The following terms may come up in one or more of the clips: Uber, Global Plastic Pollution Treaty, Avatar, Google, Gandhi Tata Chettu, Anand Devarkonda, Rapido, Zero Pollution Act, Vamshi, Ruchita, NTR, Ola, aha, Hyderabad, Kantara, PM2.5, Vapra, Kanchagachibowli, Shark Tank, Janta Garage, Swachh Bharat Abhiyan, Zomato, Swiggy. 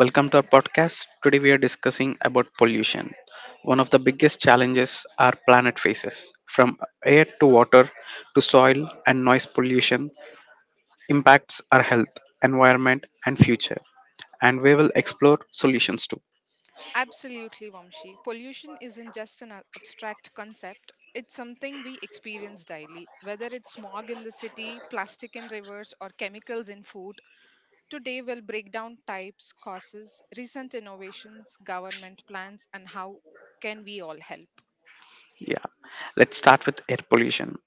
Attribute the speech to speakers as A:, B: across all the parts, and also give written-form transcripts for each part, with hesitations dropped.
A: Welcome to our podcast. Today we are discussing about pollution, one of the biggest challenges our planet faces. From air to water to soil and noise pollution impacts our health, environment and future and we will explore solutions too.
B: Absolutely, Vamshi. Pollution isn't just an abstract concept, it's something we experience daily. Whether it's smog in the city, plastic in rivers, or chemicals in food, today we'll break down types, causes, recent innovations, government plans, and how can we all help.
A: Yeah. Let's start with air pollution.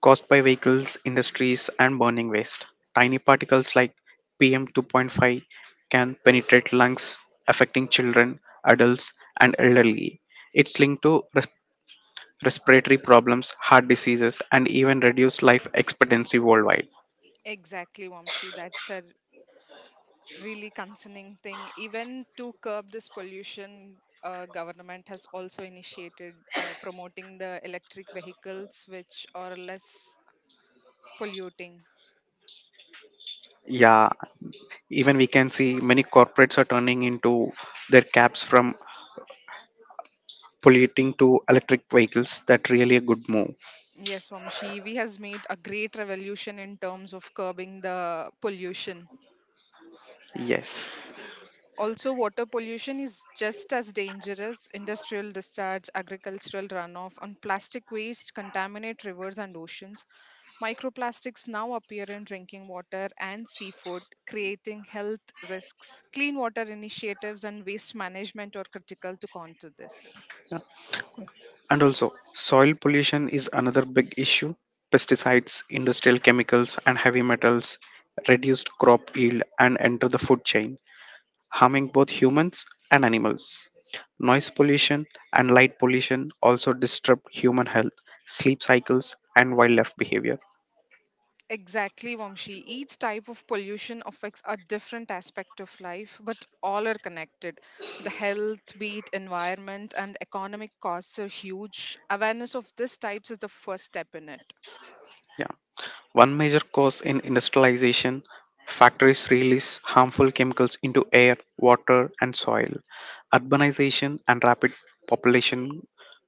A: Caused by vehicles, industries, and burning waste. Tiny particles like PM2.5 can penetrate lungs, affecting children, adults, and elderly. It's linked to respiratory problems, heart diseases, and even reduced life expectancy worldwide.
B: Exactly, Vamshi. That's a really concerning thing. Even to curb this pollution, government has also initiated promoting the electric vehicles, which are less polluting.
A: Yeah, even we can see many corporates are turning into their caps from polluting to electric vehicles. That really a good move.
B: Yes, Vamshi, EV has made a great revolution in terms of curbing the pollution.
A: Yes.
B: Also, water pollution is just as dangerous. Industrial discharge, agricultural runoff, and plastic waste contaminate rivers and oceans. Microplastics now appear in drinking water and seafood, creating health risks. Clean water initiatives and waste management are critical to counter this.
A: And also, soil pollution is another big issue. Pesticides, industrial chemicals, and heavy metals reduced crop yield and enter the food chain, harming both humans and animals. Noise pollution and light pollution also disrupt human health, sleep cycles, and wildlife behavior.
B: Exactly, Vamshi. Each type of pollution affects a different aspect of life, but all are connected. The health, be it environment, and economic costs are huge. Awareness of these types is the first step in it.
A: Yeah. One major cause in industrialization, factories release harmful chemicals into air, water, and soil. Urbanization and rapid population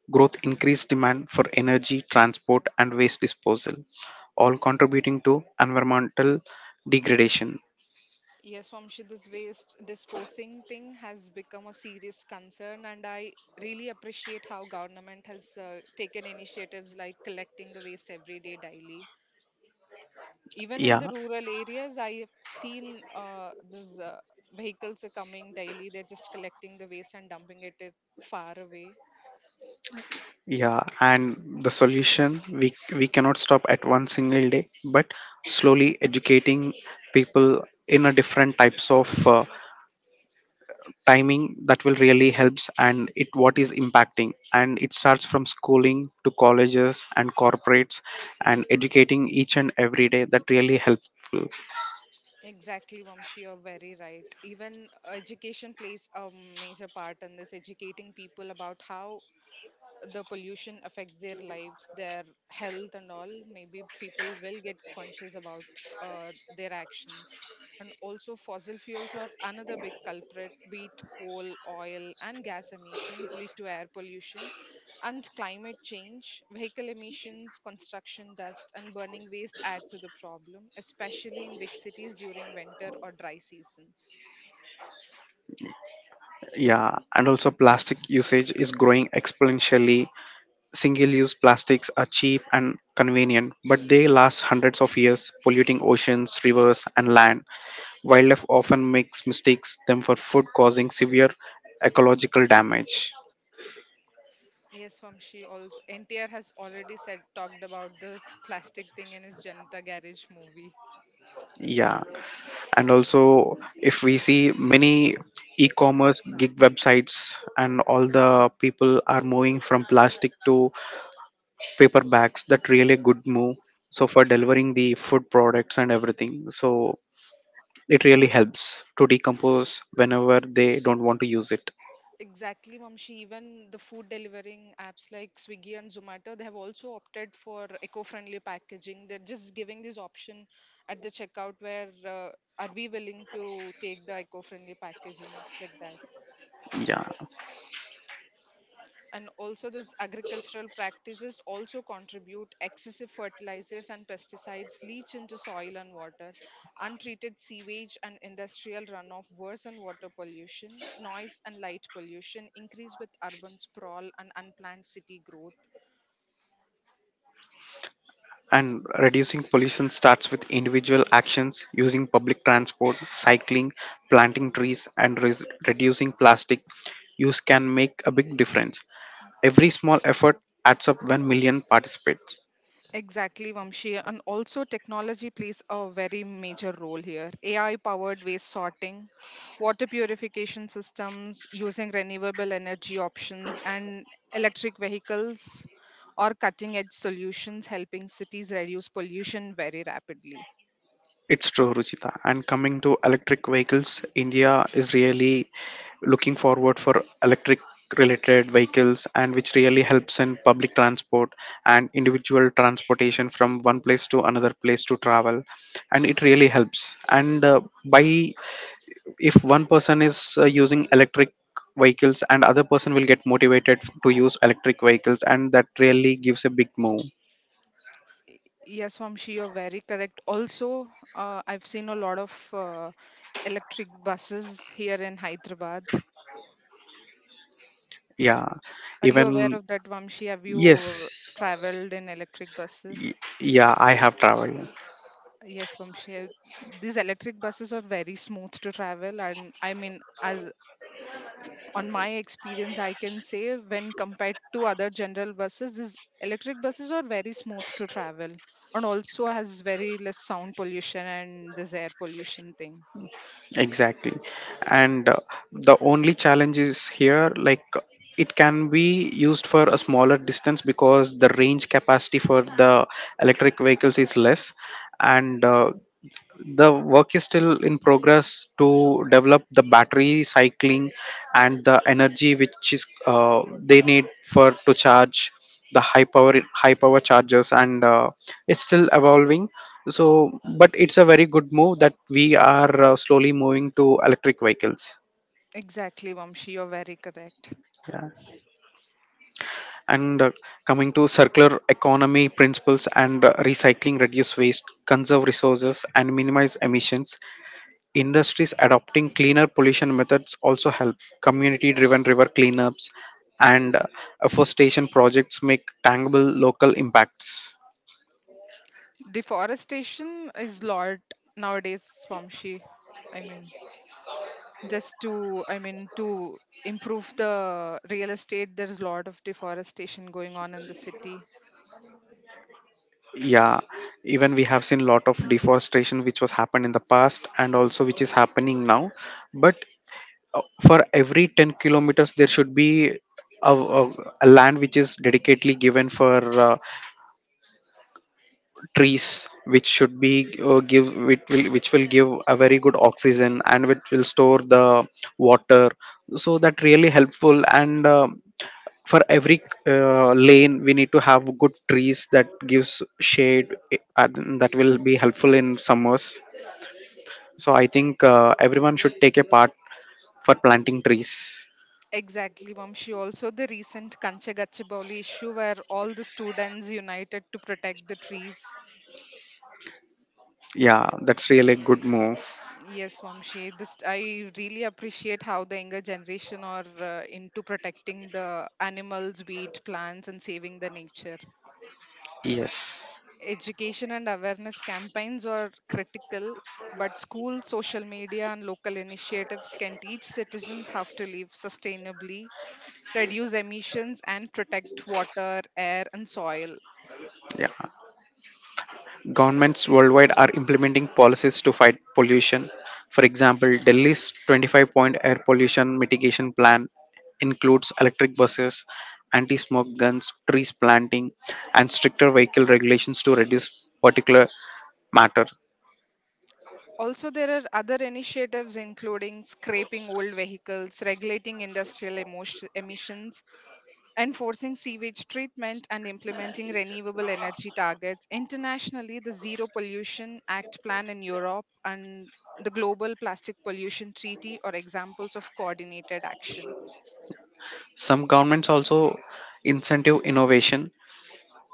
A: growth increase demand for energy, transport, and waste disposal, all contributing to environmental degradation.
B: Yes, Vamshi, this waste disposing thing has become a serious concern, and I really appreciate how government has taken initiatives like collecting the waste every day, daily. Even in the
A: Yeah,
B: rural areas, I have seen these vehicles are coming daily. They're just collecting the waste and dumping it far away.
A: yeah, and the solution we cannot stop at one single day, but slowly educating people in a different types of timing that will really helps and it what is impacting and it starts from schooling to colleges and corporates and educating each and every day that really helpful.
B: Exactly, Vamshi, you're very right. Even education plays a major part in this, educating people about how the pollution affects their lives, their health, and all, maybe people will get conscious about their actions. And also, fossil fuels are another big culprit, be it coal, oil, and gas emissions lead to air pollution and climate change. Vehicle emissions, construction dust, and burning waste add to the problem, especially in big cities during winter or dry seasons.
A: Yeah, and also plastic usage is growing exponentially. Single use plastics are cheap and convenient, but they last hundreds of years polluting oceans, rivers and land. Wildlife often makes mistakes them for food, causing severe ecological damage.
B: Yes, Vamshi. Also, NTR has already said talked about this plastic thing in his Janta Garage movie.
A: Yeah, and also if we see many e-commerce gig websites and all, the people are moving from plastic to paper bags. That really good move, so for delivering the food products and everything, so it really helps to decompose whenever they don't want to use it.
B: Exactly, Vamshi. Even the food delivering apps like Swiggy and Zomato, they have also opted for eco-friendly packaging. They're just giving this option at the checkout where are we willing to take the eco-friendly packaging like that.
A: Yeah.
B: And also, this agricultural practices also contribute. Excessive fertilizers and pesticides leach into soil and water. Untreated sewage and industrial runoff worsen water pollution. Noise and light pollution increase with urban sprawl and unplanned city growth.
A: And reducing pollution starts with individual actions, using public transport, cycling, planting trees, and reducing plastic use can make a big difference. Every small effort adds up when million participate.
B: Exactly, Vamshi. And also, technology plays a very major role here. AI powered waste sorting, water purification systems using renewable energy options, and electric vehicles or cutting edge solutions helping cities reduce pollution very rapidly.
A: It's true, Ruchita. And coming to electric vehicles, India is really looking forward for electric related vehicles, and which really helps in public transport and individual transportation from one place to another place to travel. And it really helps, and by if one person is using electric vehicles and other person will get motivated to use electric vehicles, and that really gives a big move.
B: Yes, Vamshi, you're very correct. Also, I've seen a lot of electric buses here in Hyderabad.
A: Yeah,
B: Are you aware
A: even
B: of that, Vamshi? Have
A: yes.
B: you traveled in electric
A: Y-
B: buses?
A: Yeah, I have traveled.
B: Yes, Vamshi, these electric buses are very smooth to travel, and I mean, as on my experience, I can say when compared to other general buses, these electric buses are very smooth to travel, and also has very less sound pollution and this air pollution thing.
A: Exactly. And the only challenge is here, like it can be used for a smaller distance because the range capacity for the electric vehicles is less. And the work is still in progress to develop the battery cycling and the energy which is they need for to charge the high power chargers, and it's still evolving, so but it's a very good move that we are slowly moving to electric vehicles.
B: Exactly, Vamshi, you're very correct.
A: Yeah, and coming to circular economy principles, and recycling reduce waste, conserve resources and minimize emissions. Industries adopting cleaner pollution methods also help. Community-driven river cleanups and afforestation projects make tangible local impacts.
B: Deforestation is lot nowadays, Vamshi. I mean, to improve the real estate, there's a lot of deforestation going on in the city.
A: Yeah, even we have seen a lot of deforestation which was happened in the past and also which is happening now. But for every 10 kilometers, there should be a, a, a land which is dedicatedly given for trees, which should be which will give a very good oxygen and which will store the water, so that really helpful. And um, for every lane we need to have good trees that gives shade and that will be helpful in summers. So I think everyone should take a part for planting trees.
B: Exactly, Vamshi. Also, the recent Kanchagachibowli issue where all the students united to protect the trees.
A: Yeah, that's really a good move.
B: Yes, Vamshi, this I really appreciate how the younger generation are into protecting the animals wheat, plants and saving the nature.
A: Yes.
B: Education and awareness campaigns are critical, but schools, social media, and local initiatives can teach citizens how to live sustainably, reduce emissions, and protect water, air, and soil.
A: Yeah. Governments worldwide are implementing policies to fight pollution. For example, Delhi's 25 point air pollution mitigation plan includes electric buses, anti smoke guns, trees planting, and stricter vehicle regulations to reduce particulate matter.
B: Also, there are other initiatives including scraping old vehicles, regulating industrial emissions, enforcing sewage treatment and implementing renewable energy targets. Internationally, the Zero Pollution Act plan in Europe and the Global Plastic Pollution Treaty are examples of coordinated action.
A: Some governments also incentive innovation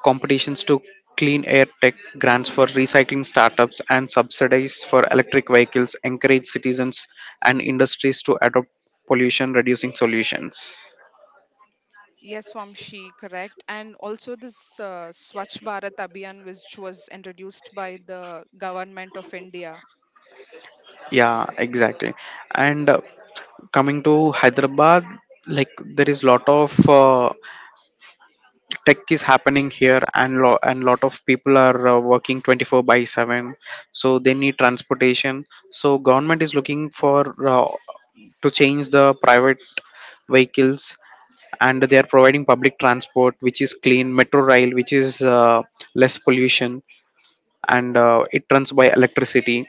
A: competitions to clean air tech grants for recycling startups and subsidies for electric vehicles encourage citizens and industries to adopt pollution reducing solutions.
B: Yes, Swamshi, correct. And also this Swachh Bharat Abhiyan, which was introduced by the government of India.
A: Yeah, exactly. And coming to Hyderabad, like there is lot of tech is happening here, and and lot of people are working 24 by 7, so they need transportation. So government is looking for to change the private vehicles, and they are providing public transport which is clean, metro rail which is less pollution, and it runs by electricity.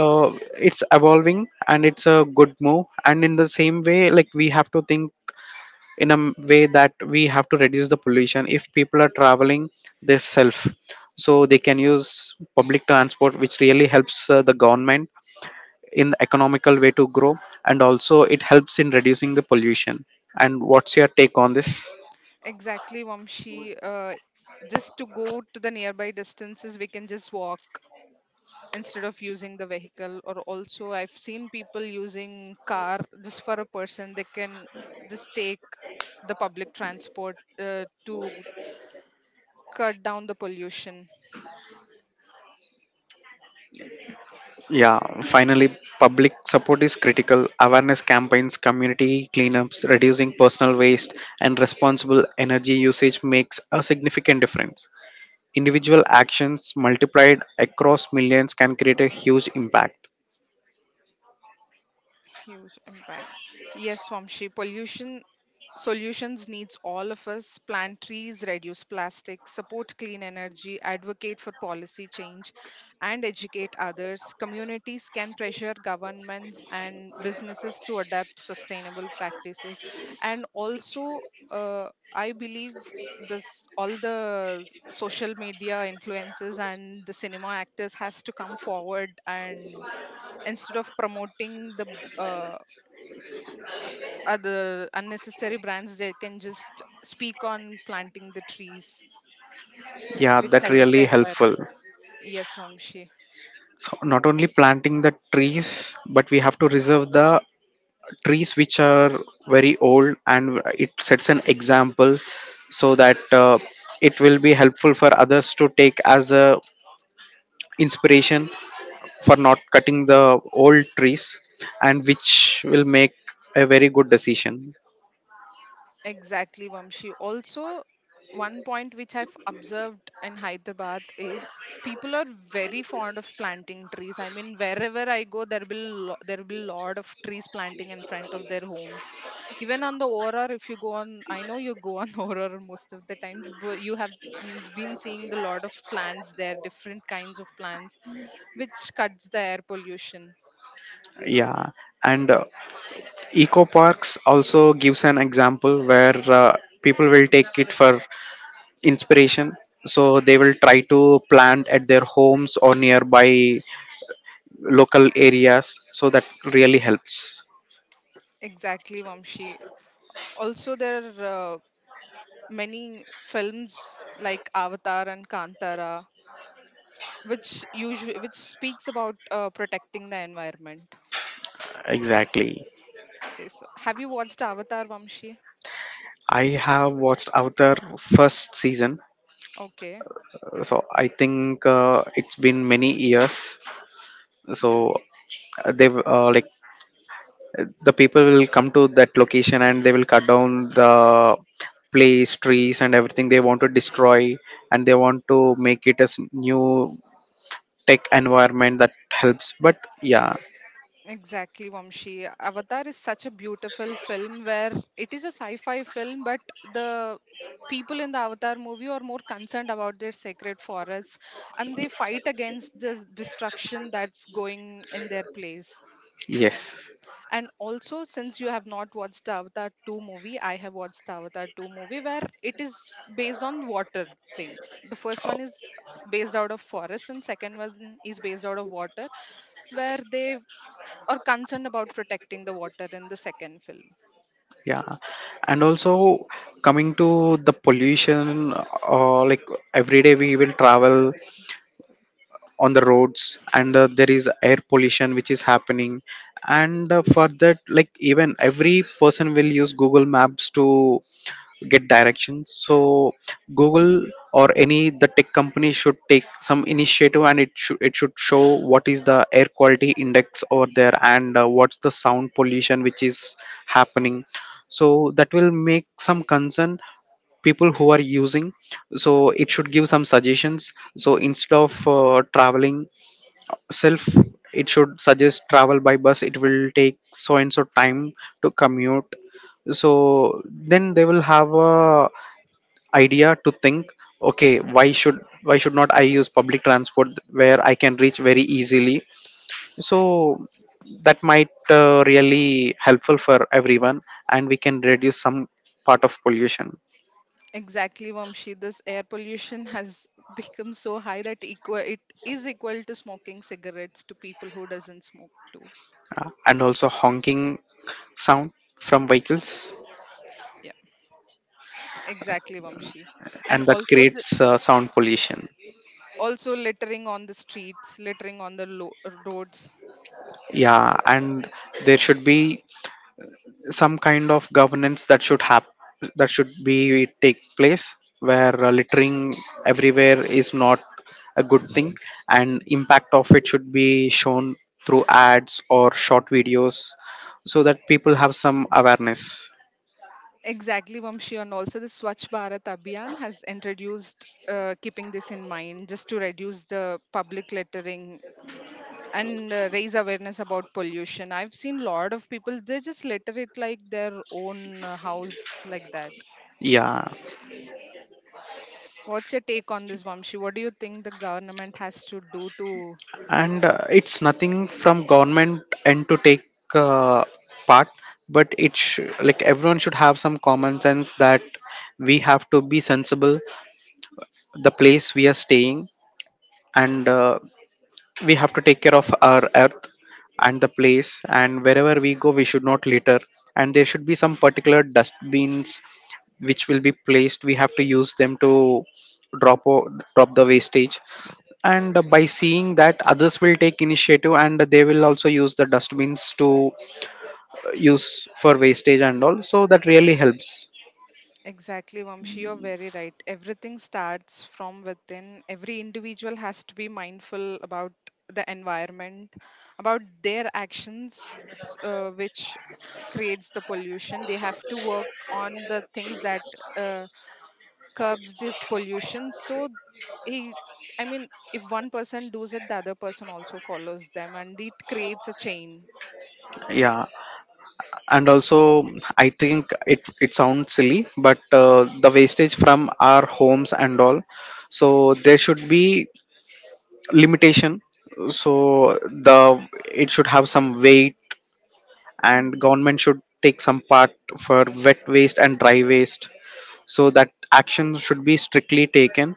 A: Uh, it's evolving and it's a good move. And in the same way, like we have to think in way that we have to reduce the pollution. If people are traveling, they self, so they can use public transport which really helps the government in economical way to grow, and also it helps in reducing the pollution. And what's your take on this?
B: Exactly, Vamshi. Just to go to the nearby distances, we can just walk instead of using the vehicle. Or also, I've seen people using car just for a person. They can just take the public transport to cut down the pollution.
A: Yeah, finally, public support is critical. Awareness campaigns, community cleanups, reducing personal waste, and responsible energy usage makes a significant difference. Individual actions multiplied across millions can create a huge impact.
B: Huge impact. Yes, Swamshi, pollution solutions needs all of us. Plant trees, reduce plastic, support clean energy, advocate for policy change, and educate others. Communities can pressure governments and businesses to adapt sustainable practices. And also, I believe this all the social media influencers and the cinema actors has to come forward, and instead of promoting the uh, other unnecessary brands, they can just speak on planting the trees,
A: Yeah,
B: which
A: that
B: helps
A: really
B: the
A: helpful.
B: environment. Yes, Vamshi.
A: So not only planting the trees, but we have to reserve the trees which are very old, and it sets an example so that it will be helpful for others to take as a inspiration for not cutting the old trees, and which will make a very good decision.
B: Exactly, Vamshi. Also, one point which I've observed in Hyderabad is people are very fond of planting trees. I mean, wherever I go, there will lot of trees planting in front of their homes. Even on the auror, if you go on, I know you go on auror most of the times, but you have been seeing the lot of plants there, different kinds of plants, which cuts the air pollution.
A: Yeah, and eco parks also gives an example where people will take it for inspiration, so they will try to plant at their homes or nearby local areas, so that really helps.
B: Exactly, Vamshi. Also, there are many films like Avatar and Kantara, which speaks about protecting the environment.
A: Exactly.
B: Yes. Have you watched Avatar, Vamshi?
A: I have watched Avatar first season.
B: Okay.
A: So I think it's been many years, so
B: Mhm.
A: like the people will come to that location and they will cut down the place, trees and everything they want to destroy, and they want to make it as new tech environment that helps, but yeah.
B: Exactly, Vamshi. Avatar is such a beautiful film where it is a sci-fi film, but the people in the Avatar movie are more concerned about their sacred forests and they fight against the destruction that's going in their place.
A: Yes.
B: And also, since you have not watched the Avatar 2 movie, I have watched the Avatar 2 movie, where it is based on water thing. The first one is based out of forest and second one is based out of water, where they are concerned about protecting the water in the second film.
A: Yeah, and also coming to the pollution, like every day we will travel on the roads, and there is air pollution which is happening. And for that, like even every person will use Google Maps to get directions. So Google or any the tech company should take some initiative, and it should show what is the air quality index over there, and what's the sound pollution which is happening. So that will make some concern people who are using. So it should give some suggestions, so instead of traveling self, it should suggest travel by bus, it will take so and so time to commute. So then they will have a idea to think, okay, why should not I use public transport where I can reach very easily. So that might really helpful for everyone, and we can reduce some part of pollution.
B: Exactly, Vamshi, this air pollution has become so high that equal it is equal to smoking cigarettes to people who doesn't smoke too.
A: And also honking sound from vehicles,
B: Yeah, exactly, Vamshi. And
A: and that
B: also
A: creates sound pollution.
B: also littering on the streets, littering on the roads.
A: Yeah, and there should be some kind of governance that should happen, that should be take place, where littering everywhere is not a good thing, and impact of it should be shown through ads or short videos, so that people have some awareness.
B: Exactly, Vamshi, and also the Swachh Bharat Abhiyan has introduced keeping this in mind just to reduce the public littering and raise awareness about pollution. I've seen a lot of people they just litter it like their own house like that.
A: Yeah,
B: What's your take on this, Vamshi? What do you think the government has to do to?
A: and it's nothing from government end to take uh, part, but it's like everyone should have some common sense that we have to be sensible the place we are staying. And we have to take care of our earth and the place, and wherever we go we should not litter. And there should be some particular dustbins which will be placed, we have to use them to drop o- drop the wastage, and by seeing that others will take initiative and they will also use the dustbins to use for wastage and all, so that really helps.
B: Exactly, Vamshi, you're very right. Everything starts from within. Every individual has to be mindful about the environment, about their actions, which creates the pollution. They have to work on the things that uh, curbs this pollution. So, he, I mean, if one person does it, the other person also follows them, and it creates a chain.
A: Yeah, and also I think it it sounds silly, but the wastage from our homes and all, so there should be limitation so the it should have some weight, and government should take some part for wet waste and dry waste, so that action should be strictly taken,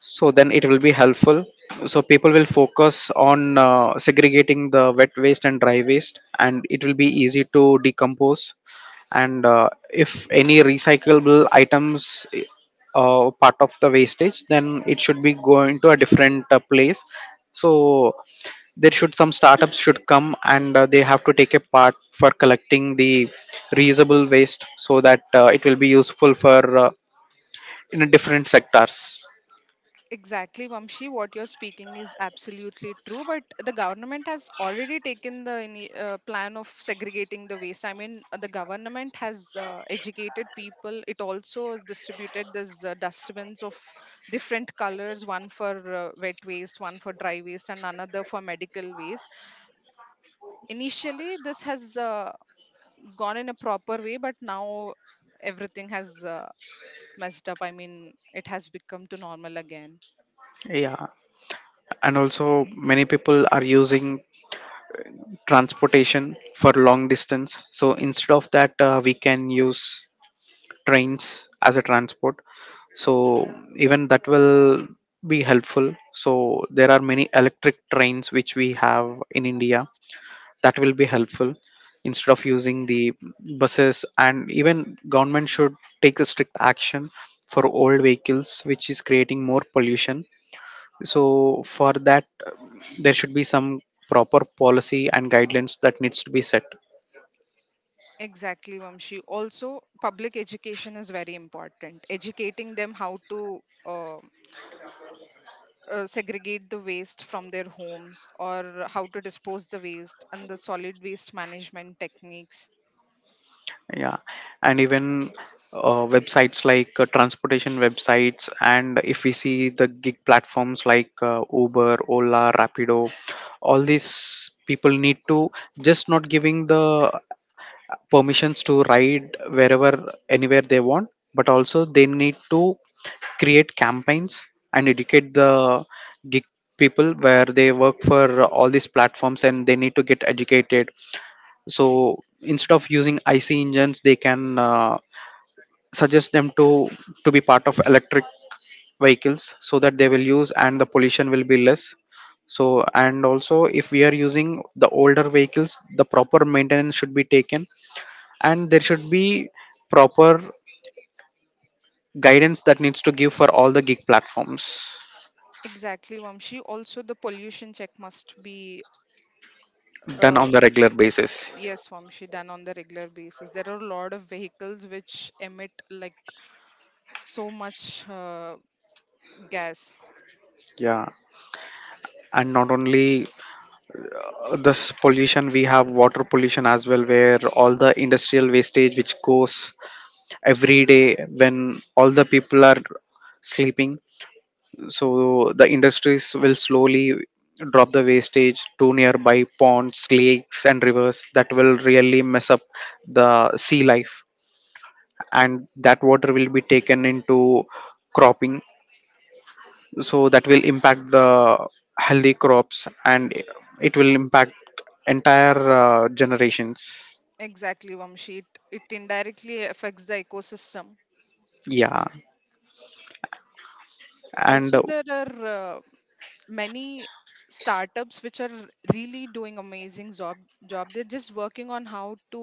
A: so then it will be helpful. So people will focus on segregating the wet waste and dry waste, and it will be easy to decompose. And if any recyclable items part of the wastage, then it should be going to a different place. So there should some startups should come, and they have to take a part for collecting the reusable waste, so that it will be useful for in a different sectors.
B: Exactly, Vamshi. What you're speaking is absolutely true. But the government has already taken the plan of segregating the waste. I mean, the government has educated people. It also distributed these dustbins of different colors, one for wet waste, one for dry waste, and another for medical waste. Initially, this has gone in a proper way, but now everything has messed up. I mean, it has become to normal again.
A: Yeah, and also many people are using transportation for long distance, so instead of that we can use trains as a transport, so even that will be helpful. So there are many electric trains which we have in India, that will be helpful instead of using The buses. And even government should take a strict action for old vehicles which is creating more pollution. So for that there should be some proper policy and guidelines that needs to be set.
B: Exactly, Vamshi. Also, public education is very important. Educating them how to segregate the waste from their homes or how to dispose the waste and the solid waste management techniques.
A: Yeah, and even websites like transportation websites, and if we see the gig platforms like Uber, Ola, Rapido, all these people need to just not giving the permissions to ride wherever anywhere they want, but also they need to create campaigns and educate the gig people where they work for all these platforms, and they need to get educated. So instead of using IC engines, they can suggest them to be part of electric vehicles, so that they will use and the pollution will be less. So and also if we are using the older vehicles, the proper maintenance should be taken, and there should be proper guidance that needs to give for all the gig platforms.
B: Exactly, Vamshi. Also, the pollution check must be,
A: Done
B: uh,
A: on the regular basis.
B: yes, Vamshi, done on the regular basis. There are a lot of vehicles which emit like so much gas.
A: Yeah, and not only this pollution, we have water pollution as well, where all the industrial wastage which goes every day when all the people are sleeping, so the industries will slowly drop the wastage to nearby ponds, lakes and rivers. That will really mess up the sea life, and that water will be taken into cropping, so that will impact the healthy crops, and it will impact entire generations.
B: Exactly, Vamshi. It indirectly affects the ecosystem.
A: Yeah. and
B: Also, there are many startups which are really doing amazing job. They're just working on how to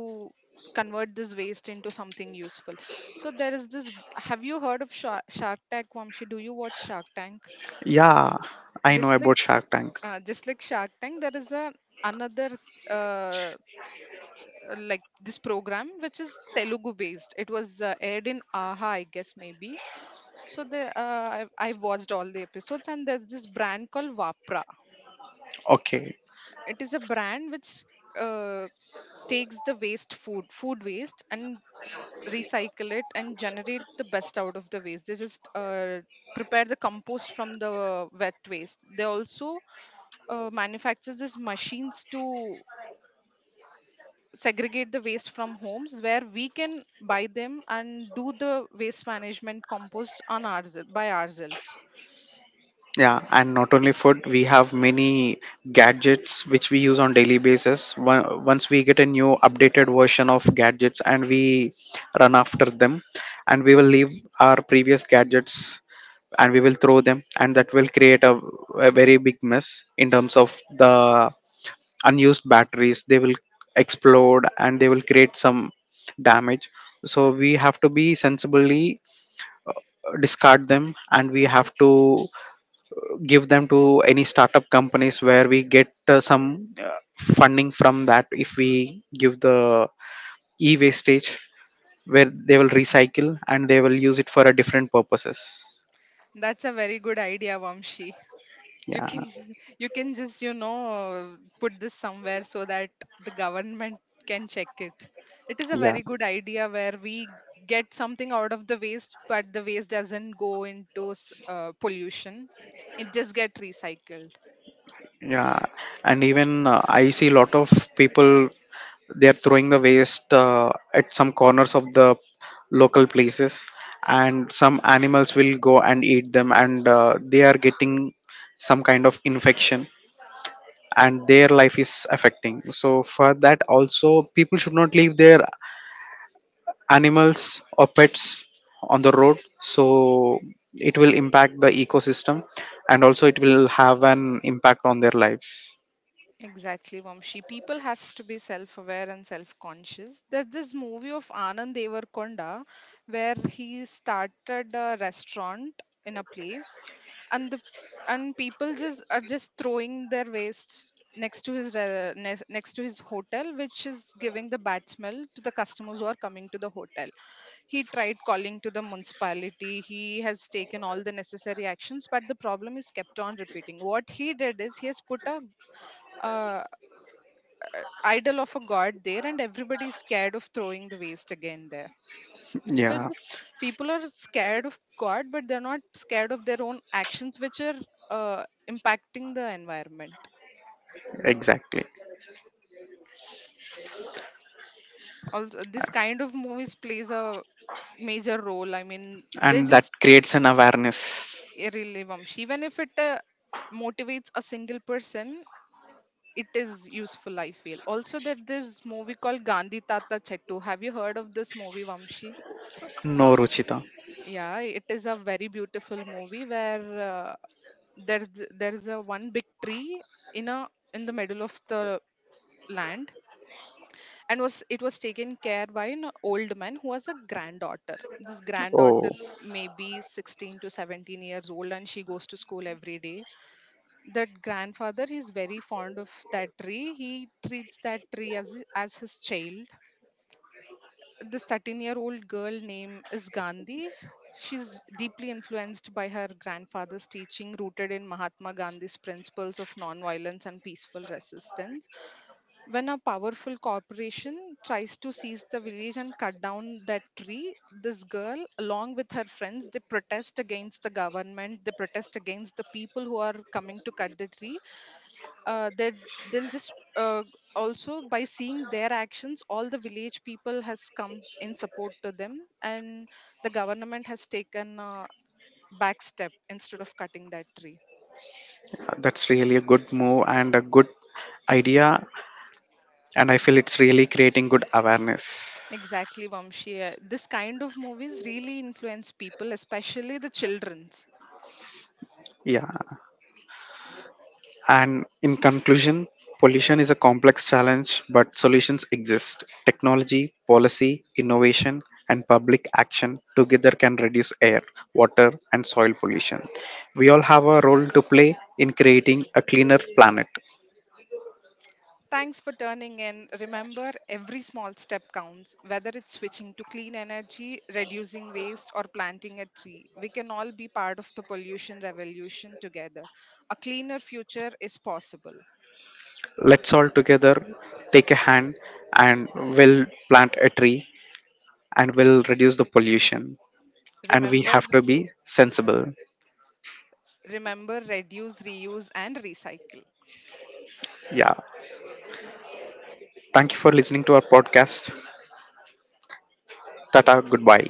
B: convert this waste into something useful. So, there is this. Have you heard of Shark Tank, Vamshi? Do you watch Shark Tank?
A: Yeah, I know
B: just like
A: about Shark Tank.
B: uh, just like Shark Tank there is a another uh, like this program which is Telugu based. It was aired in aha, I guess maybe. So the I watched all the episodes, and there's this brand called Vapra.
A: Okay.
B: It is a brand which uh, takes the waste food food waste and recycle it and generate the best out of the waste. They just prepare the compost from the wet waste. They also manufacture these machines to segregate the waste from homes where we can buy them and do the waste management compost on ours by ourselves.
A: Yeah, and not only food, we have many gadgets which we use on daily basis. Once we get a new updated version of gadgets, and we run after them, and we will leave our previous gadgets and we will throw them, and that will create a very big mess in terms of the unused batteries. They will explode and they will create some damage. So we have to be sensibly discard them, and we have to give them to any startup companies where we get some funding from that if we give the e-wastage, where they will recycle and they will use it for a different purposes.
B: That's a very good idea, Vamshi. You
A: Yeah.
B: can you can just put this somewhere so that the government can check it. It is a
A: Yeah.
B: very good idea where we get something out of the waste, but the waste doesn't go into pollution. It just get recycled.
A: Yeah, and even I see a lot of people, they are throwing the waste at some corners of the local places, and some animals will go and eat them, and they are getting some kind of infection, and their life is affecting. So for that also people should not leave their animals or pets on the road, so it will impact the ecosystem, and also it will have an impact on their lives.
B: Exactly, Vamshi. People has to be self-aware and self-conscious. There's this movie of Anand Devarkonda where he started a restaurant in a place, and the and people just are just throwing their waste next to his next to his hotel, which is giving the bad smell to the customers who are coming to the hotel. He tried calling to the municipality. He has taken all the necessary actions, but the problem is kept on repeating. What he did is he has put a uh, idol of a god there and everybody is scared of throwing the waste again there. So
A: Yeah.
B: this people are scared of god but they're not scared of their own actions which are uh, impacting the environment.
A: Exactly.
B: Also, this kind of movies plays a major role, I mean, they
A: And that
B: just
A: creates an awareness.
B: really, Vamshi, even if it motivates a single person, it is useful, I feel. Also, that this movie called Gandhi Tata Chettu, have you heard of this movie, Vamshi?
A: No, Ruchita.
B: Yeah, it is a very beautiful movie where there is a one big tree in a in the middle of the land, and was it was taken care by an old man who has a granddaughter. This
A: Oh,
B: granddaughter maybe 16 to 17 years old and she goes to school every day. That grandfather is very fond of that tree. He treats that tree as his child. This 13-year-old girl name is Gandhi. She's deeply influenced by her grandfather's teaching, rooted in Mahatma Gandhi's principles of nonviolence and peaceful resistance. When a powerful corporation tries to seize the village and cut down that tree, this girl, along with her friends, they protest against the government, they protest against the people who are coming to cut the tree, uh, they they'll just also by seeing their actions all the village people has come in support to them, and the government has taken a back step instead of cutting that tree.
A: that's really a good move and a good idea, and I feel it's really creating good awareness.
B: Exactly, Vamshi. This kind of movies really influence people, especially the children.
A: Yeah. And in conclusion, pollution is a complex challenge, but solutions exist. Technology, policy, innovation, and public action together can reduce air, water, and soil pollution. We all have a role to play in creating a cleaner planet.
B: Thanks for turning in. Remember, every small step counts, whether it's switching to clean energy, reducing waste, or planting a tree. We can all be part of the pollution revolution together. A cleaner future is possible.
A: Let's all together take a hand, and we'll plant a tree, and we'll reduce the pollution. And we
B: Remember,
A: have to be sensible.
B: remember, reduce, reuse, and recycle.
A: Yeah. Thank you for listening to our podcast. Tata, goodbye.